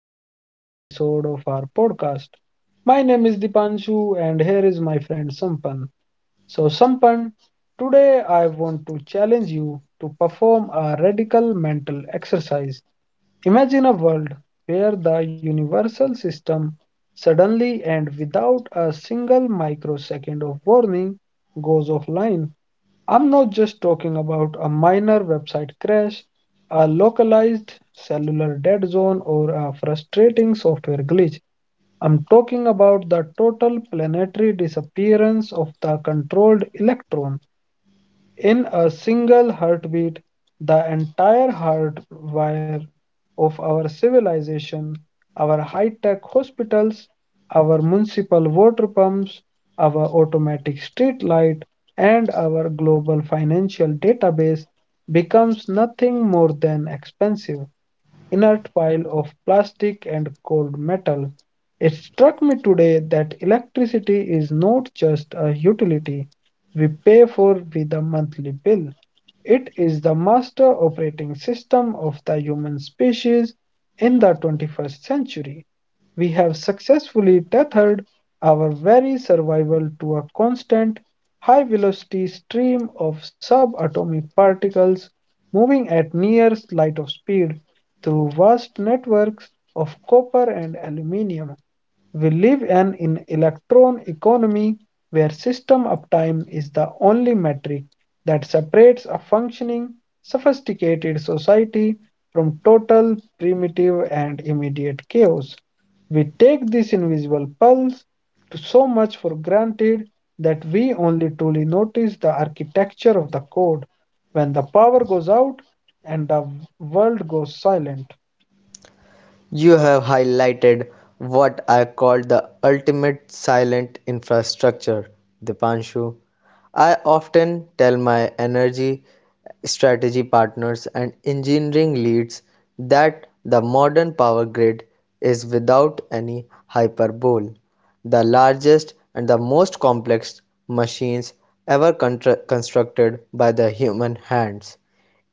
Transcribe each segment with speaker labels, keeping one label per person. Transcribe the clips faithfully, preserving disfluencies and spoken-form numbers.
Speaker 1: to another episode of our podcast. My name is Dipanshu, and here is my friend Sampan. So, Sampan, today I want to challenge you to perform a radical mental exercise. Imagine a world where the universal system suddenly and without a single microsecond of warning goes offline. I'm not just talking about a minor website crash, a localized cellular dead zone, or a frustrating software glitch. I'm talking about the total planetary disappearance of the controlled electron. In a single heartbeat, the entire hardwire of our civilization, our high tech hospitals, our municipal water pumps, our automatic street light, and our global financial database becomes nothing more than expensive inert pile of plastic and cold metal. It struck me today that electricity is not just a utility we pay for with a monthly bill. It is the master operating system of the human species in the twenty-first century. We have successfully tethered our very survival to a constant, high velocity stream of subatomic particles moving at near light of speed through vast networks of copper and aluminium, we live in an electron economy where system uptime is the only metric that separates a functioning, sophisticated society from total, primitive, and immediate chaos. We take this invisible pulse to so much for granted that we only truly notice the architecture of the code when the power goes out and the world goes silent.
Speaker 2: You have highlighted what I call the ultimate silent infrastructure, Dipanshu. I often tell my energy strategy partners and engineering leads that the modern power grid is, without any hyperbole, the largest and the most complex machines ever constructed by the human hands.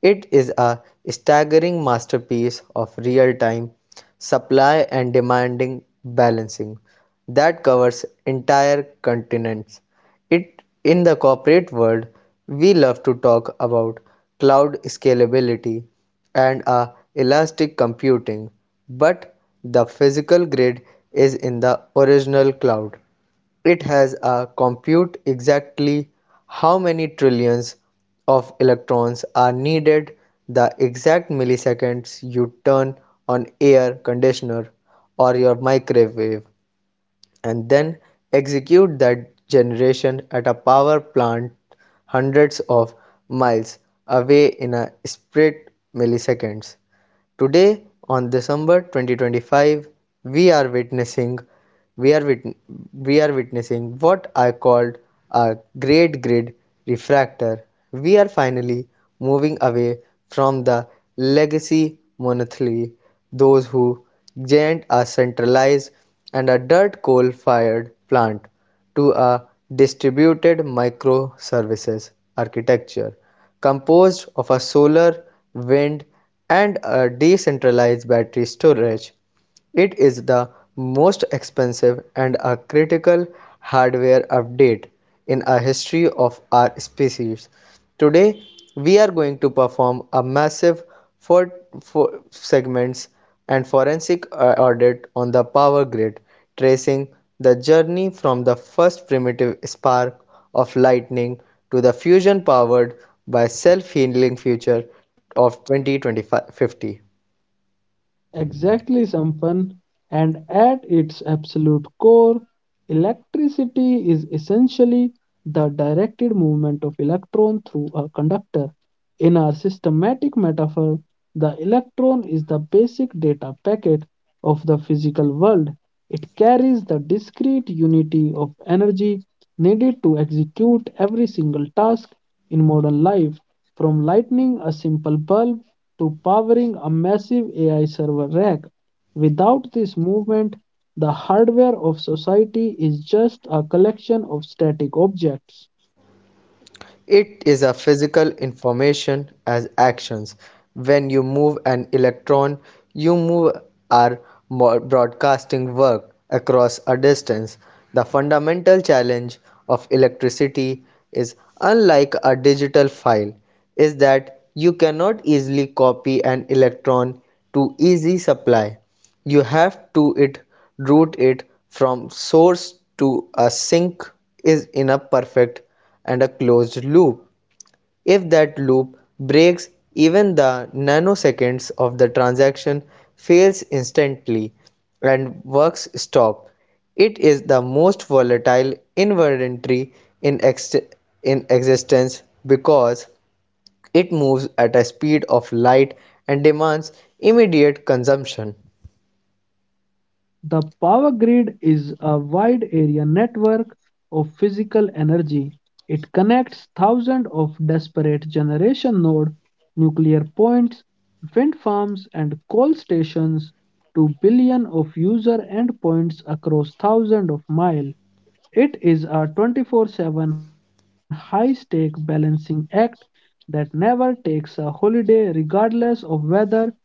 Speaker 2: It is a staggering masterpiece of real time supply and demanding balancing that covers entire continents. It in the corporate world, we love to talk about cloud scalability and uh, elastic computing, but the physical grid is in the original cloud. It has a compute exactly how many trillions of electrons are needed, the exact milliseconds you turn on air conditioner or your microwave, and then execute that generation at a power plant hundreds of miles away in a split milliseconds. Today, on December twenty twenty-five, we are witnessing we are wit- we are witnessing what I called a great grid refractor. We are finally moving away from the legacy monolithy, those who giant a centralized and a dirt coal fired plant to a distributed microservices architecture composed of a solar, wind and a decentralized battery storage. It is the most expensive and a critical hardware update in a history of our species. Today, we are going to perform a massive four, four segments and forensic uh, audit on the power grid, tracing the journey from the first primitive spark of lightning to the fusion powered by self-healing future of twenty fifty.
Speaker 1: Exactly, Sampan. And at its absolute core, electricity is essentially the directed movement of electron through a conductor. In our systematic metaphor, the electron is the basic data packet of the physical world. It carries the discrete unity of energy needed to execute every single task in modern life, from lighting a simple bulb to powering a massive A I server rack. Without this movement, the hardware of society is just a collection of static objects.
Speaker 2: It is a physical information as actions. When you move an electron, you move our broadcasting work across a distance. The fundamental challenge of electricity is unlike a digital file is that you cannot easily copy an electron to easy supply. You have to it route it from source to a sink is in a perfect and a closed loop. If that loop breaks, even the nanoseconds of the transaction fails instantly and works stop. It is the most volatile inventory in, ex- in existence because it moves at a speed of light and demands immediate consumption.
Speaker 1: The power grid is a wide area network of physical energy. It connects thousands of disparate generation nodes, nuclear points, wind farms and coal stations to billions of user endpoints across thousands of miles. It is a twenty-four seven high-stake balancing act that never takes a holiday regardless of weather or.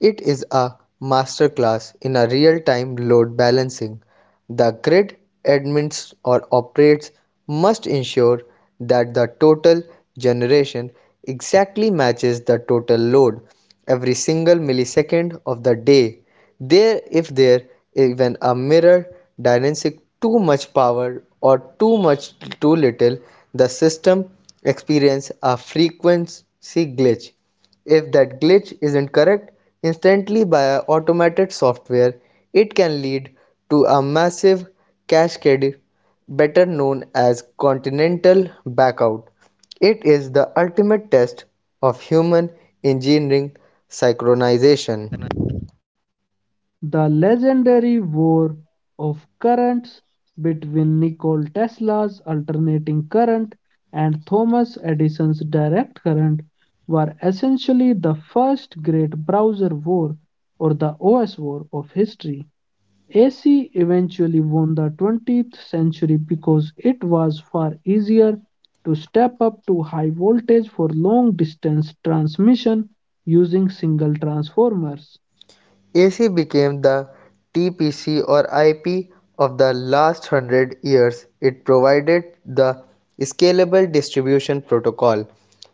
Speaker 2: It is a masterclass in a real-time load balancing. The grid admins or operators must ensure that the total generation exactly matches the total load every single millisecond of the day. There if there even a mirror dynamic too much power or too much too little, the system experiences a frequency glitch. If that glitch isn't correct instantly by automated software, it can lead to a massive cascade, better known as continental backout. It is the ultimate test of human engineering synchronization.
Speaker 1: The legendary war of currents between Nikola Tesla's alternating current and Thomas Edison's direct current were essentially the first great browser war or the O S war of history. A C eventually won the twentieth century because it was far easier to step up to high voltage for long distance transmission using single transformers.
Speaker 2: A C became the T P C or I P of the last hundred years. It provided the scalable distribution protocol.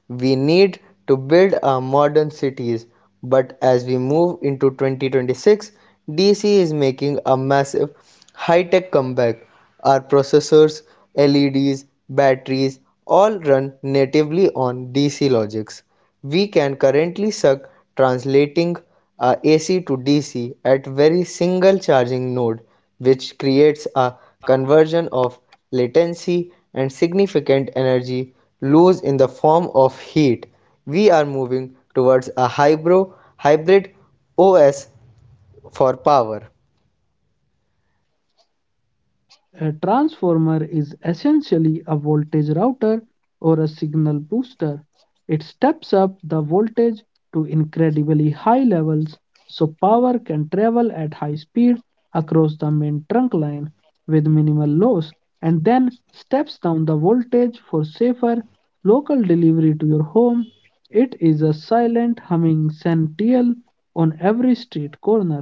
Speaker 2: We need to build our modern cities, but as we move into twenty twenty-six, D C is making a massive high tech comeback. Our processors, L E Ds, batteries all run natively on D C logics. We can currently suck translating our A C to D C at very single charging node which creates a conversion of latency and significant energy loss in the form of heat. We are moving towards a hybro hybrid O S for power.
Speaker 1: A transformer is essentially a voltage router or a signal booster. It steps up the voltage to incredibly high levels so power can travel at high speed across the main trunk line with minimal loss and then steps down the voltage for safer local delivery to your home. It is a silent humming centennial on every street corner.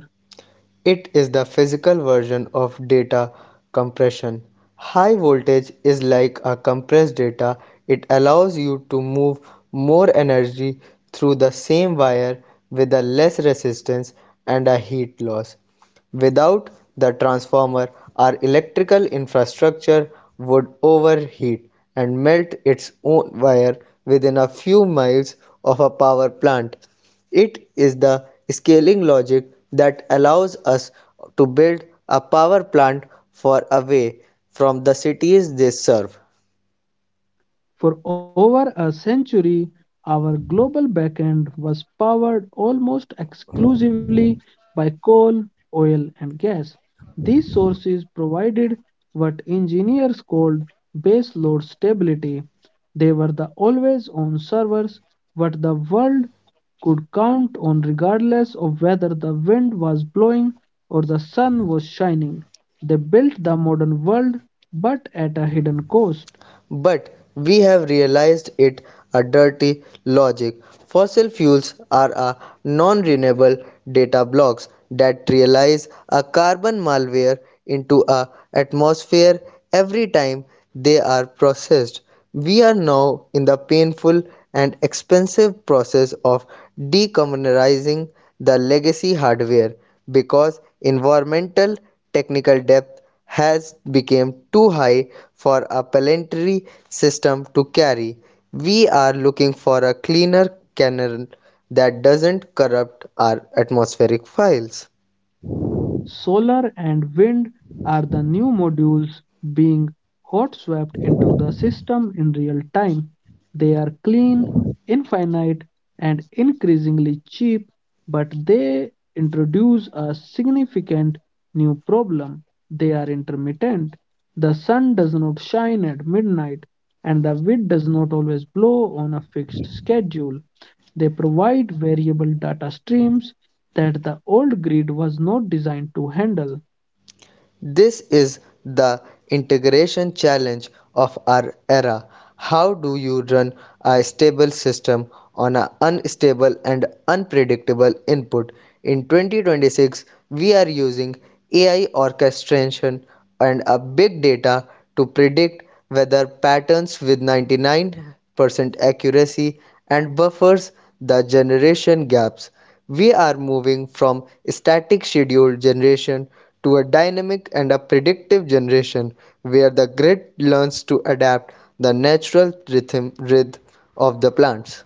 Speaker 2: It is the physical version of data compression. High voltage is like a compressed data. It allows you to move more energy through the same wire with a less resistance and a heat loss. Without the transformer, our electrical infrastructure would overheat and melt its own wire within a few miles of a power plant. It is the scaling logic that allows us to build a power plant far away from the cities they serve.
Speaker 1: For over a century, our global backend was powered almost exclusively by coal, oil, and gas. These sources provided what engineers called baseload stability. They were the always on servers, what the world could count on regardless of whether the wind was blowing or the sun was shining. They built the modern world, but at a hidden cost.
Speaker 2: but we have realized it a dirty logic. Fossil fuels are a non-renewable data blocks that realize a carbon malware into a atmosphere every time they are processed. We are now in the painful and expensive process of decarbonizing the legacy hardware because environmental technical debt has become too high for a planetary system to carry. We are looking for a cleaner canal that doesn't corrupt our atmospheric files.
Speaker 1: Solar and wind are the new modules being hot swapped into the system in real time. They are clean, infinite, and increasingly cheap, but they introduce a significant new problem. They are intermittent. The sun does not shine at midnight, and the wind does not always blow on a fixed schedule. They provide variable data streams that the old grid was not designed to handle.
Speaker 2: This is the integration challenge of our era. How do you run a stable system on an unstable and unpredictable input? In twenty twenty-six, we are using A I orchestration and a big data to predict weather patterns with ninety-nine percent accuracy and buffers the generation gaps. We are moving from static scheduled generation to a dynamic and a predictive generation where the grid learns to adapt the natural rhythm, rhythm of the plants.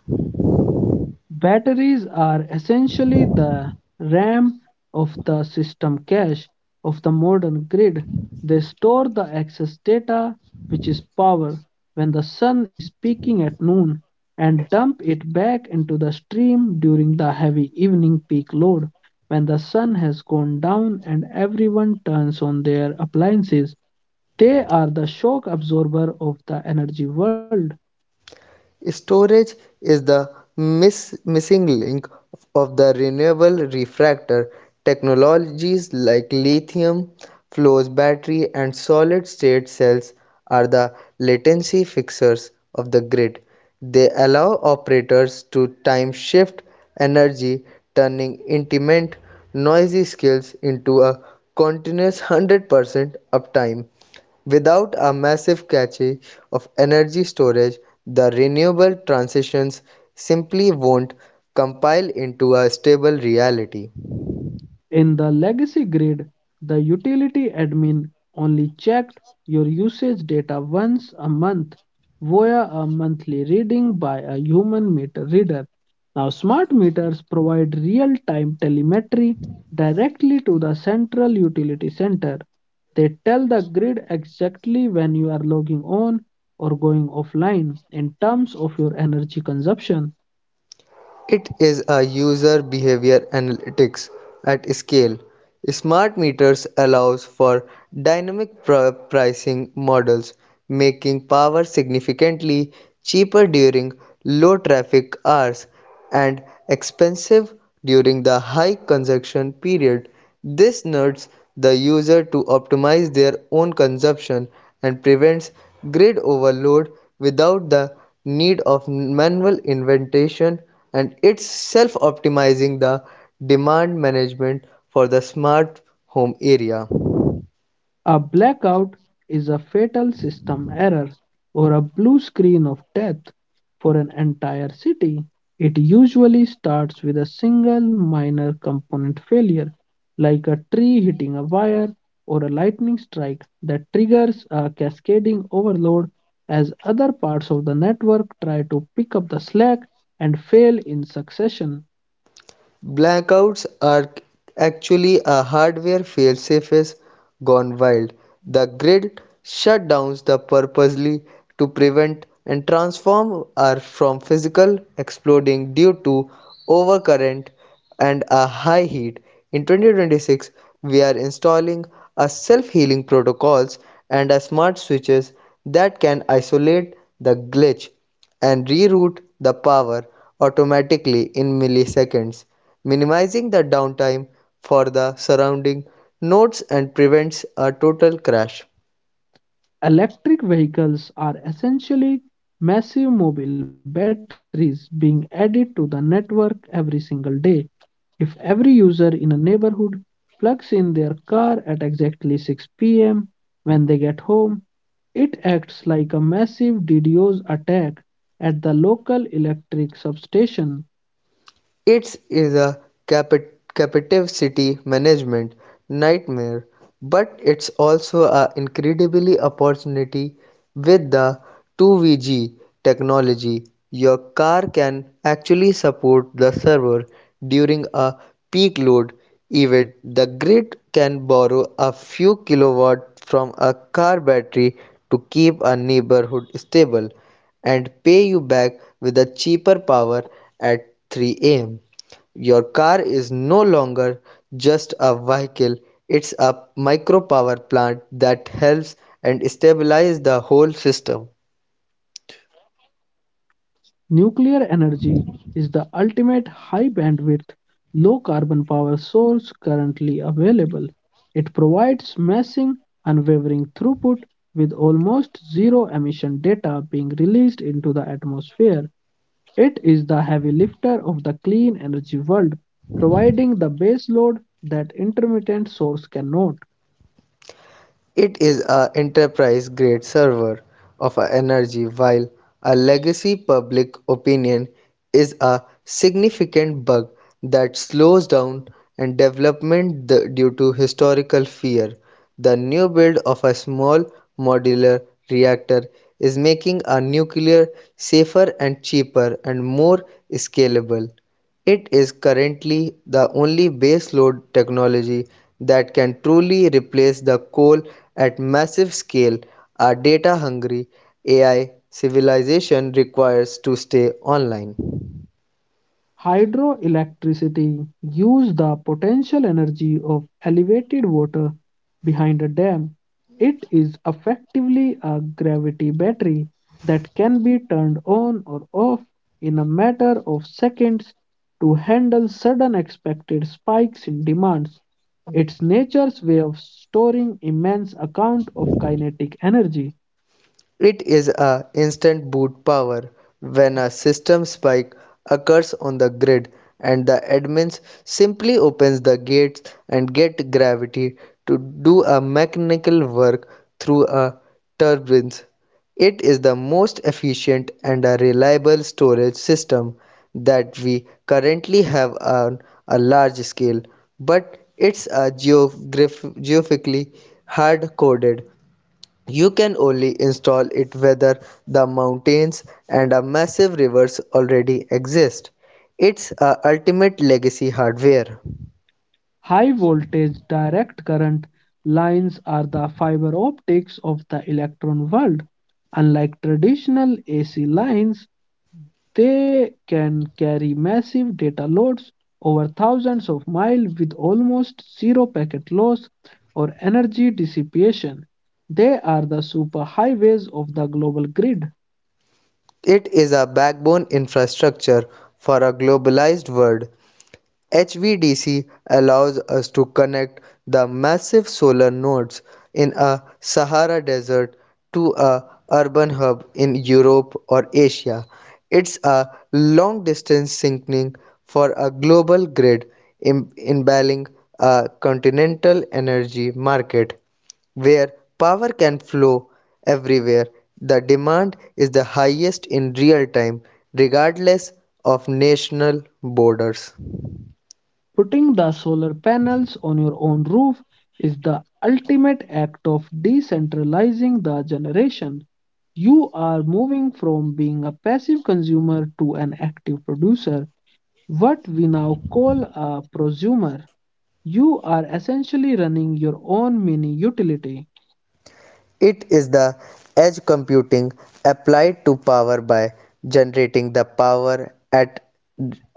Speaker 1: Batteries are essentially the RAM of the system cache of the modern grid. They store the excess data, which is power, when the sun is peaking at noon and dump it back into the stream during the heavy evening peak load when the sun has gone down and everyone turns on their appliances. They are the shock absorber of the energy world.
Speaker 2: Storage is the miss- missing link of the renewable refractor. Technologies like lithium, flows battery, and solid state cells are the latency fixers of the grid. They allow operators to time shift energy, turning intermittent, noisy skills into a continuous one hundred percent uptime. Without a massive cache of energy storage, the renewable transitions simply won't compile into a stable reality.
Speaker 1: In the legacy grid, the utility admin only checked your usage data once a month via a monthly reading by a human meter reader. Now, smart meters provide real time telemetry directly to the central utility center. They tell the grid exactly when you are logging on or going offline in terms of your energy consumption.
Speaker 2: It is a user behavior analytics at scale. Smart meters allows for dynamic pr- pricing models, making power significantly cheaper during low traffic hours and expensive during the high consumption period. This nuts the user to optimize their own consumption and prevents grid overload without the need of manual inventation and it's self-optimizing the demand management for the smart home area.
Speaker 1: A blackout is a fatal system error or a blue screen of death for an entire city. It usually starts with a single minor component failure, like a tree hitting a wire or a lightning strike that triggers a cascading overload as other parts of the network try to pick up the slack and fail in succession.
Speaker 2: Blackouts are actually a hardware failsafes gone wild. The grid shutdowns the purposely to prevent and transform are from physical exploding due to overcurrent and a high heat. In twenty twenty-six, we are installing a self-healing protocols and a smart switches that can isolate the glitch and reroute the power automatically in milliseconds, minimizing the downtime for the surrounding nodes and prevents a total crash.
Speaker 1: Electric vehicles are essentially massive mobile batteries being added to the network every single day. If every user in a neighborhood plugs in their car at exactly six p m when they get home, it acts like a massive DDoS attack at the local electric substation.
Speaker 2: It is a capi- captive city management nightmare, but it's also a incredibly opportunity with the two V G technology. Your car can actually support the server during a peak load event. The grid can borrow a few kilowatt from a car battery to keep a neighborhood stable and pay you back with a cheaper power at three a m. Your car is no longer just a vehicle, it's a micro power plant that helps and stabilizes the whole system.
Speaker 1: Nuclear energy is the ultimate high bandwidth, low carbon power source currently available. It provides massive, unwavering throughput with almost zero emission data being released into the atmosphere. It is the heavy lifter of the clean energy world, providing the baseload that intermittent source cannot.
Speaker 2: It is a enterprise-grade server of a energy while a legacy public opinion is a significant bug that slows down and development the- due to historical fear. The new build of a small modular reactor is making a nuclear safer and cheaper and more scalable. It is currently the only baseload technology that can truly replace the coal at massive scale our data-hungry A I civilization requires to stay online.
Speaker 1: Hydroelectricity uses the potential energy of elevated water behind a dam. It is effectively a gravity battery that can be turned on or off in a matter of seconds to handle sudden expected spikes in demands. It's nature's way of storing immense amount of kinetic energy.
Speaker 2: It is a instant boot power when a system spike occurs on the grid and the admins simply opens the gates and get gravity to do a mechanical work through a turbines. It is the most efficient and a reliable storage system that we currently have on a large scale, but it's a geographically hard coded you can only install it whether the mountains and a massive rivers already exist. It's a ultimate legacy hardware.
Speaker 1: High-voltage direct current lines are the fiber optics of the electron world. Unlike traditional A C lines, they can carry massive data loads over thousands of miles with almost zero packet loss or energy dissipation. They are the superhighways of the global grid.
Speaker 2: It is a backbone infrastructure for a globalized world. H V D C allows us to connect the massive solar nodes in a Sahara desert to a urban hub in Europe or Asia. It's a long distance syncing for a global grid im- a continental energy market where power can flow everywhere. The demand is the highest in real time regardless of national borders.
Speaker 1: Putting the solar panels on your own roof is the ultimate act of decentralizing the generation. You are moving from being a passive consumer to an active producer, what we now call a prosumer. You are essentially running your own mini utility.
Speaker 2: It is the edge computing applied to power by generating the power at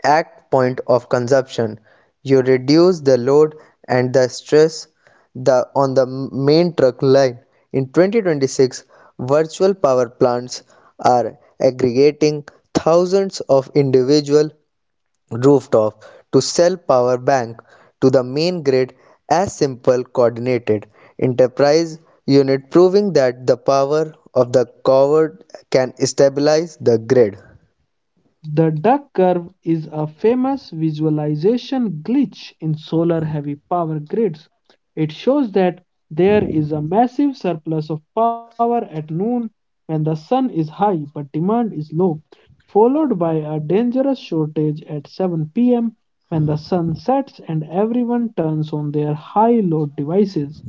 Speaker 2: at point of consumption. You reduce the load and the stress the, on the main truck line. In twenty twenty-six, virtual power plants are aggregating thousands of individual rooftop to sell power bank to the main grid as simple coordinated enterprise unit proving that the power of the coward can stabilize the grid.
Speaker 1: The duck curve is a famous visualization glitch in solar heavy power grids. It shows that there is a massive surplus of power at noon when the sun is high but demand is low, followed by a dangerous shortage at seven p m when the sun sets and everyone turns on their high load devices.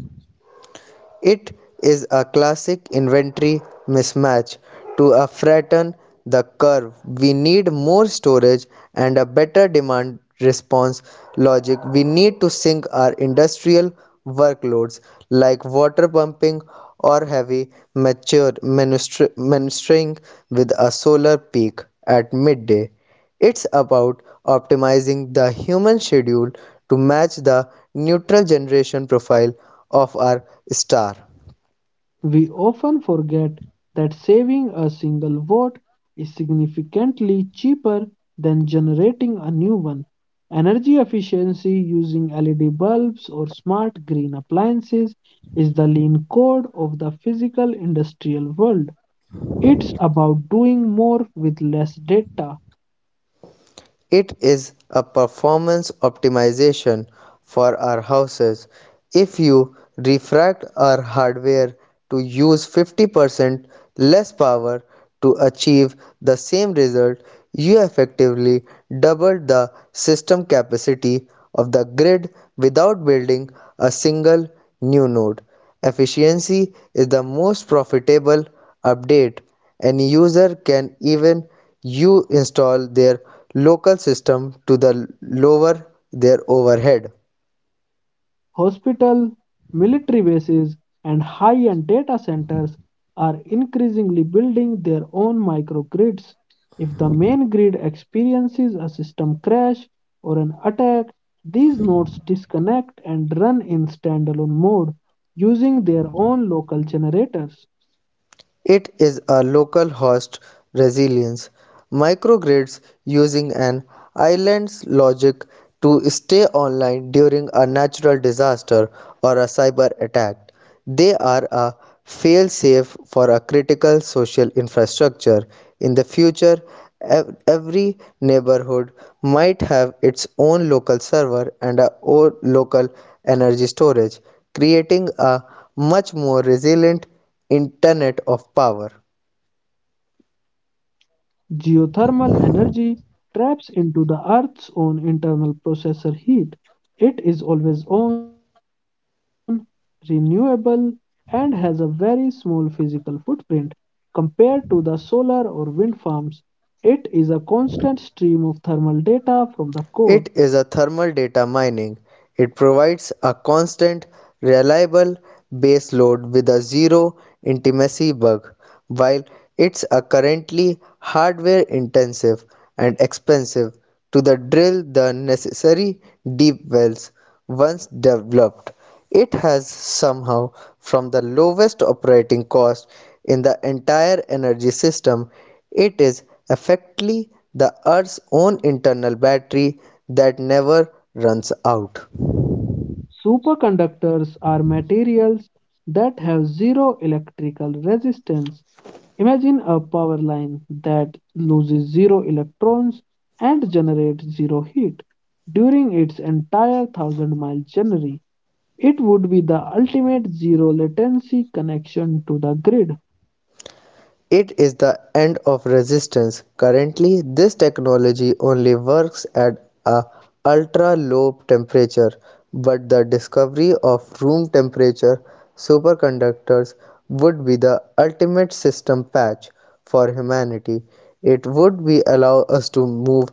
Speaker 2: It is a classic inventory mismatch. To uh, flatten the curve, we need more storage and a better demand response logic. We need to sync our industrial workloads like water pumping or heavy mature ministering with a solar peak at midday. It's about optimizing the human schedule to match the neutral generation profile of our star.
Speaker 1: We often forget that saving a single vote is significantly cheaper than generating a new one. Energy efficiency using L E D bulbs or smart green appliances is the lean code of the physical industrial world. It's about doing more with less data.
Speaker 2: It is a performance optimization for our houses. If you refract our hardware to use fifty percent less power to achieve the same result, you effectively double the system capacity of the grid without building a single new node. Efficiency is the most profitable update. Any user can even you install their local system to the lower their overhead.
Speaker 1: Hospital, military bases, and high-end data centers are increasingly building their own microgrids. If the main grid experiences a system crash or an attack, these nodes disconnect and run in standalone mode using their own local generators.
Speaker 2: It is a local host resilience. Microgrids using an island's logic to stay online during a natural disaster or a cyber attack. They are a fail-safe for a critical social infrastructure. In the future, ev- every neighborhood might have its own local server and a own local energy storage, creating a much more resilient Internet of Power.
Speaker 1: Geothermal energy traps into the Earth's own internal processor heat. It is always on, renewable, and has a very small physical footprint compared to the solar or wind farms. It is a constant stream of thermal data from the core.
Speaker 2: It is a thermal data mining. It provides a constant, reliable baseload with a zero intimacy bug. While it's a currently hardware intensive and expensive to the drill the necessary deep wells once developed. It has somehow from the lowest operating cost in the entire energy system. It is effectively the earth's own internal battery that never runs out.
Speaker 1: Superconductors are materials that have zero electrical resistance. Imagine a power line that loses zero electrons and generates zero heat during its entire thousand mile journey. It would be the ultimate zero latency connection to the grid.
Speaker 2: It is the end of resistance. Currently, this technology only works at a ultra-low temperature, but the discovery of room temperature superconductors would be the ultimate system patch for humanity. It would be allow us to move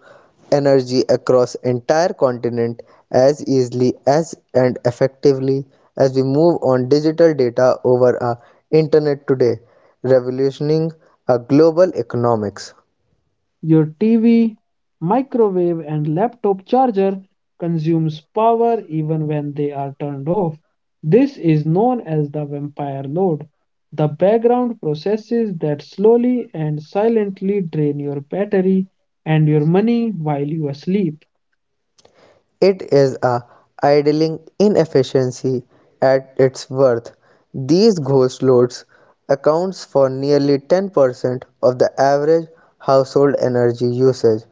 Speaker 2: energy across entire continent as easily as and effectively as we move on digital data over our internet today revolutioning a global economics.
Speaker 1: Your T V, microwave, and laptop charger consumes power even when they are turned off. This is known as the vampire load, the background processes that slowly and silently drain your battery and your money while you are asleep.
Speaker 2: It is a idling inefficiency at its worst. These ghost loads accounts for nearly ten percent of the average household energy usage.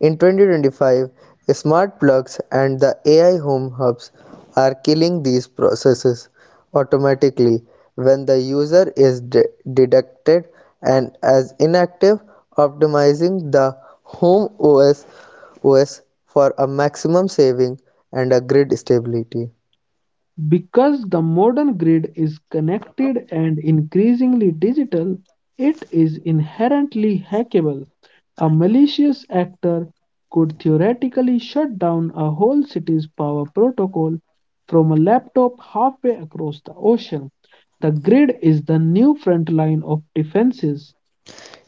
Speaker 2: In twenty twenty-five, smart plugs and the A I home hubs are killing these processes automatically when the user is de- deducted and as inactive, optimizing the home O S O S for a maximum saving and a grid stability.
Speaker 1: Because the modern grid is connected and increasingly digital, it is inherently hackable. A malicious actor could theoretically shut down a whole city's power protocol from a laptop halfway across the ocean. The grid is the new front line of defenses.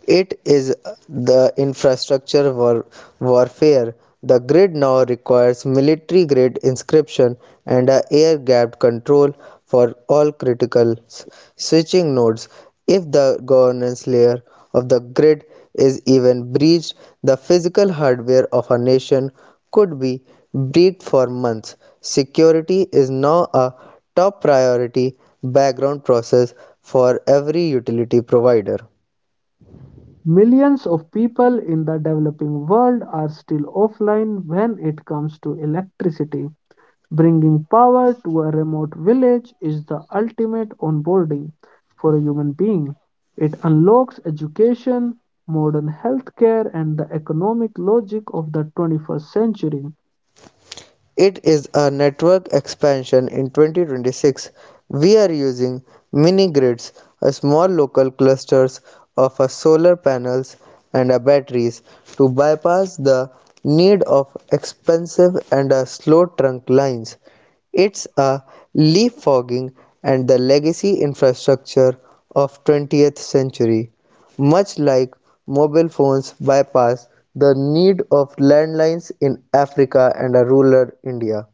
Speaker 2: It is the infrastructure war- warfare. The grid now requires military grade inscription and a air gapped control for all critical switching nodes. If the governance layer of the grid is even breached, the physical hardware of a nation could be breached for months. Security is now a top priority background process for every utility provider.
Speaker 1: Millions of people in the developing world are still offline when it comes to electricity. Bringing power to a remote village is the ultimate onboarding for a human being. It unlocks education, modern healthcare, and the economic logic of the twenty-first century.
Speaker 2: It is a network expansion in twenty twenty-six. We are using mini grids, a small local clusters of a solar panels and a batteries to bypass the need of expensive and a slow trunk lines. It's a leapfrogging and the legacy infrastructure of twentieth century. Much like mobile phones bypass the need of landlines in Africa and a rural India.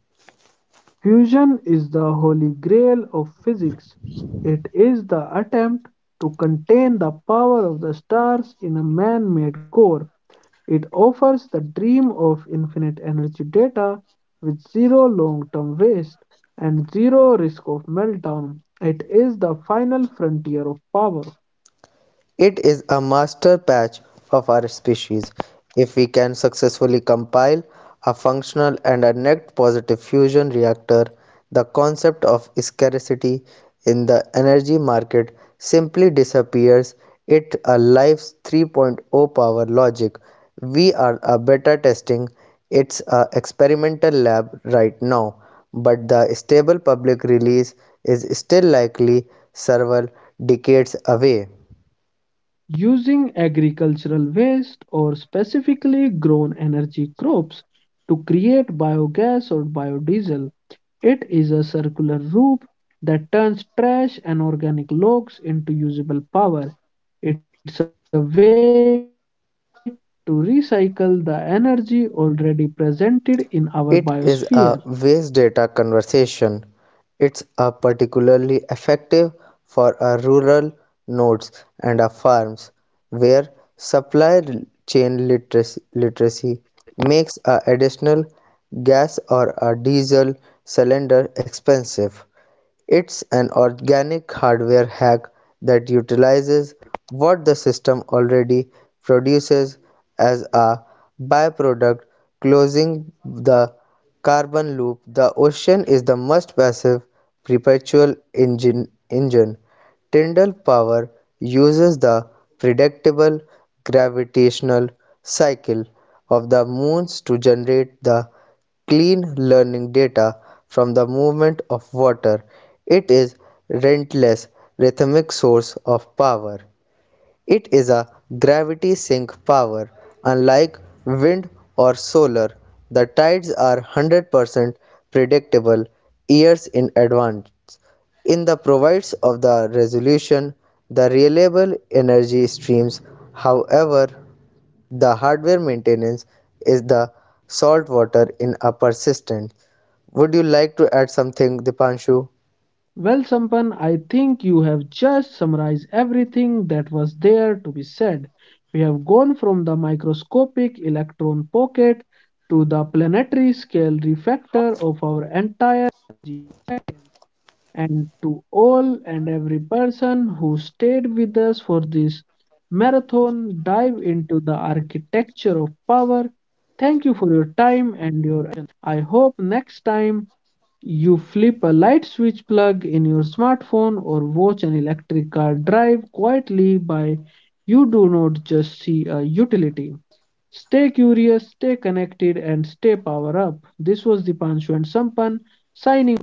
Speaker 1: Fusion is the holy grail of physics. It is the attempt to contain the power of the stars in a man made core. It offers the dream of infinite energy data with zero long term waste and zero risk of meltdown. It is the final frontier of power.
Speaker 2: It is a master patch of our species. If we can successfully compile a functional and a net positive fusion reactor, the concept of scarcity in the energy market simply disappears. It a life's 3.0 power logic. We are a beta testing. It's a experimental lab right now, but the stable public release is still likely several decades away.
Speaker 1: Using agricultural waste or specifically grown energy crops to create biogas or biodiesel. It is a circular loop that turns trash and organic logs into usable power. It's a way to recycle the energy already presented in our biosphere.
Speaker 2: It is a waste data conversation. It's a particularly effective for a rural nodes and a farms where supply chain literacy, literacy makes a additional gas or a diesel cylinder expensive. It's an organic hardware hack that utilizes what the system already produces as a byproduct, closing the carbon loop. The ocean is the most passive perpetual engine. engine. Tyndall power uses the predictable gravitational cycle of the moons to generate the clean learning data from the movement of water. It is relentless rhythmic source of power. It is a gravity sink power. Unlike wind or solar, the tides are one hundred percent predictable years in advance. In the provides of the resolution, the reliable energy streams, however, the hardware maintenance is the salt water in a persistent. Would you like to add something, Dipanshu?
Speaker 1: Well, Sampan, I think you have just summarized everything that was there to be said. We have gone from the microscopic electron pocket to the planetary scale refactor of our entire. And to all and every person who stayed with us for this marathon dive into the architecture of power, thank you for your time and your. I hope next time you flip a light switch plug in your smartphone or watch an electric car drive quietly by, you do not just see a utility. Stay curious, stay connected, and stay power up. This was Dipanshu and Sampan signing.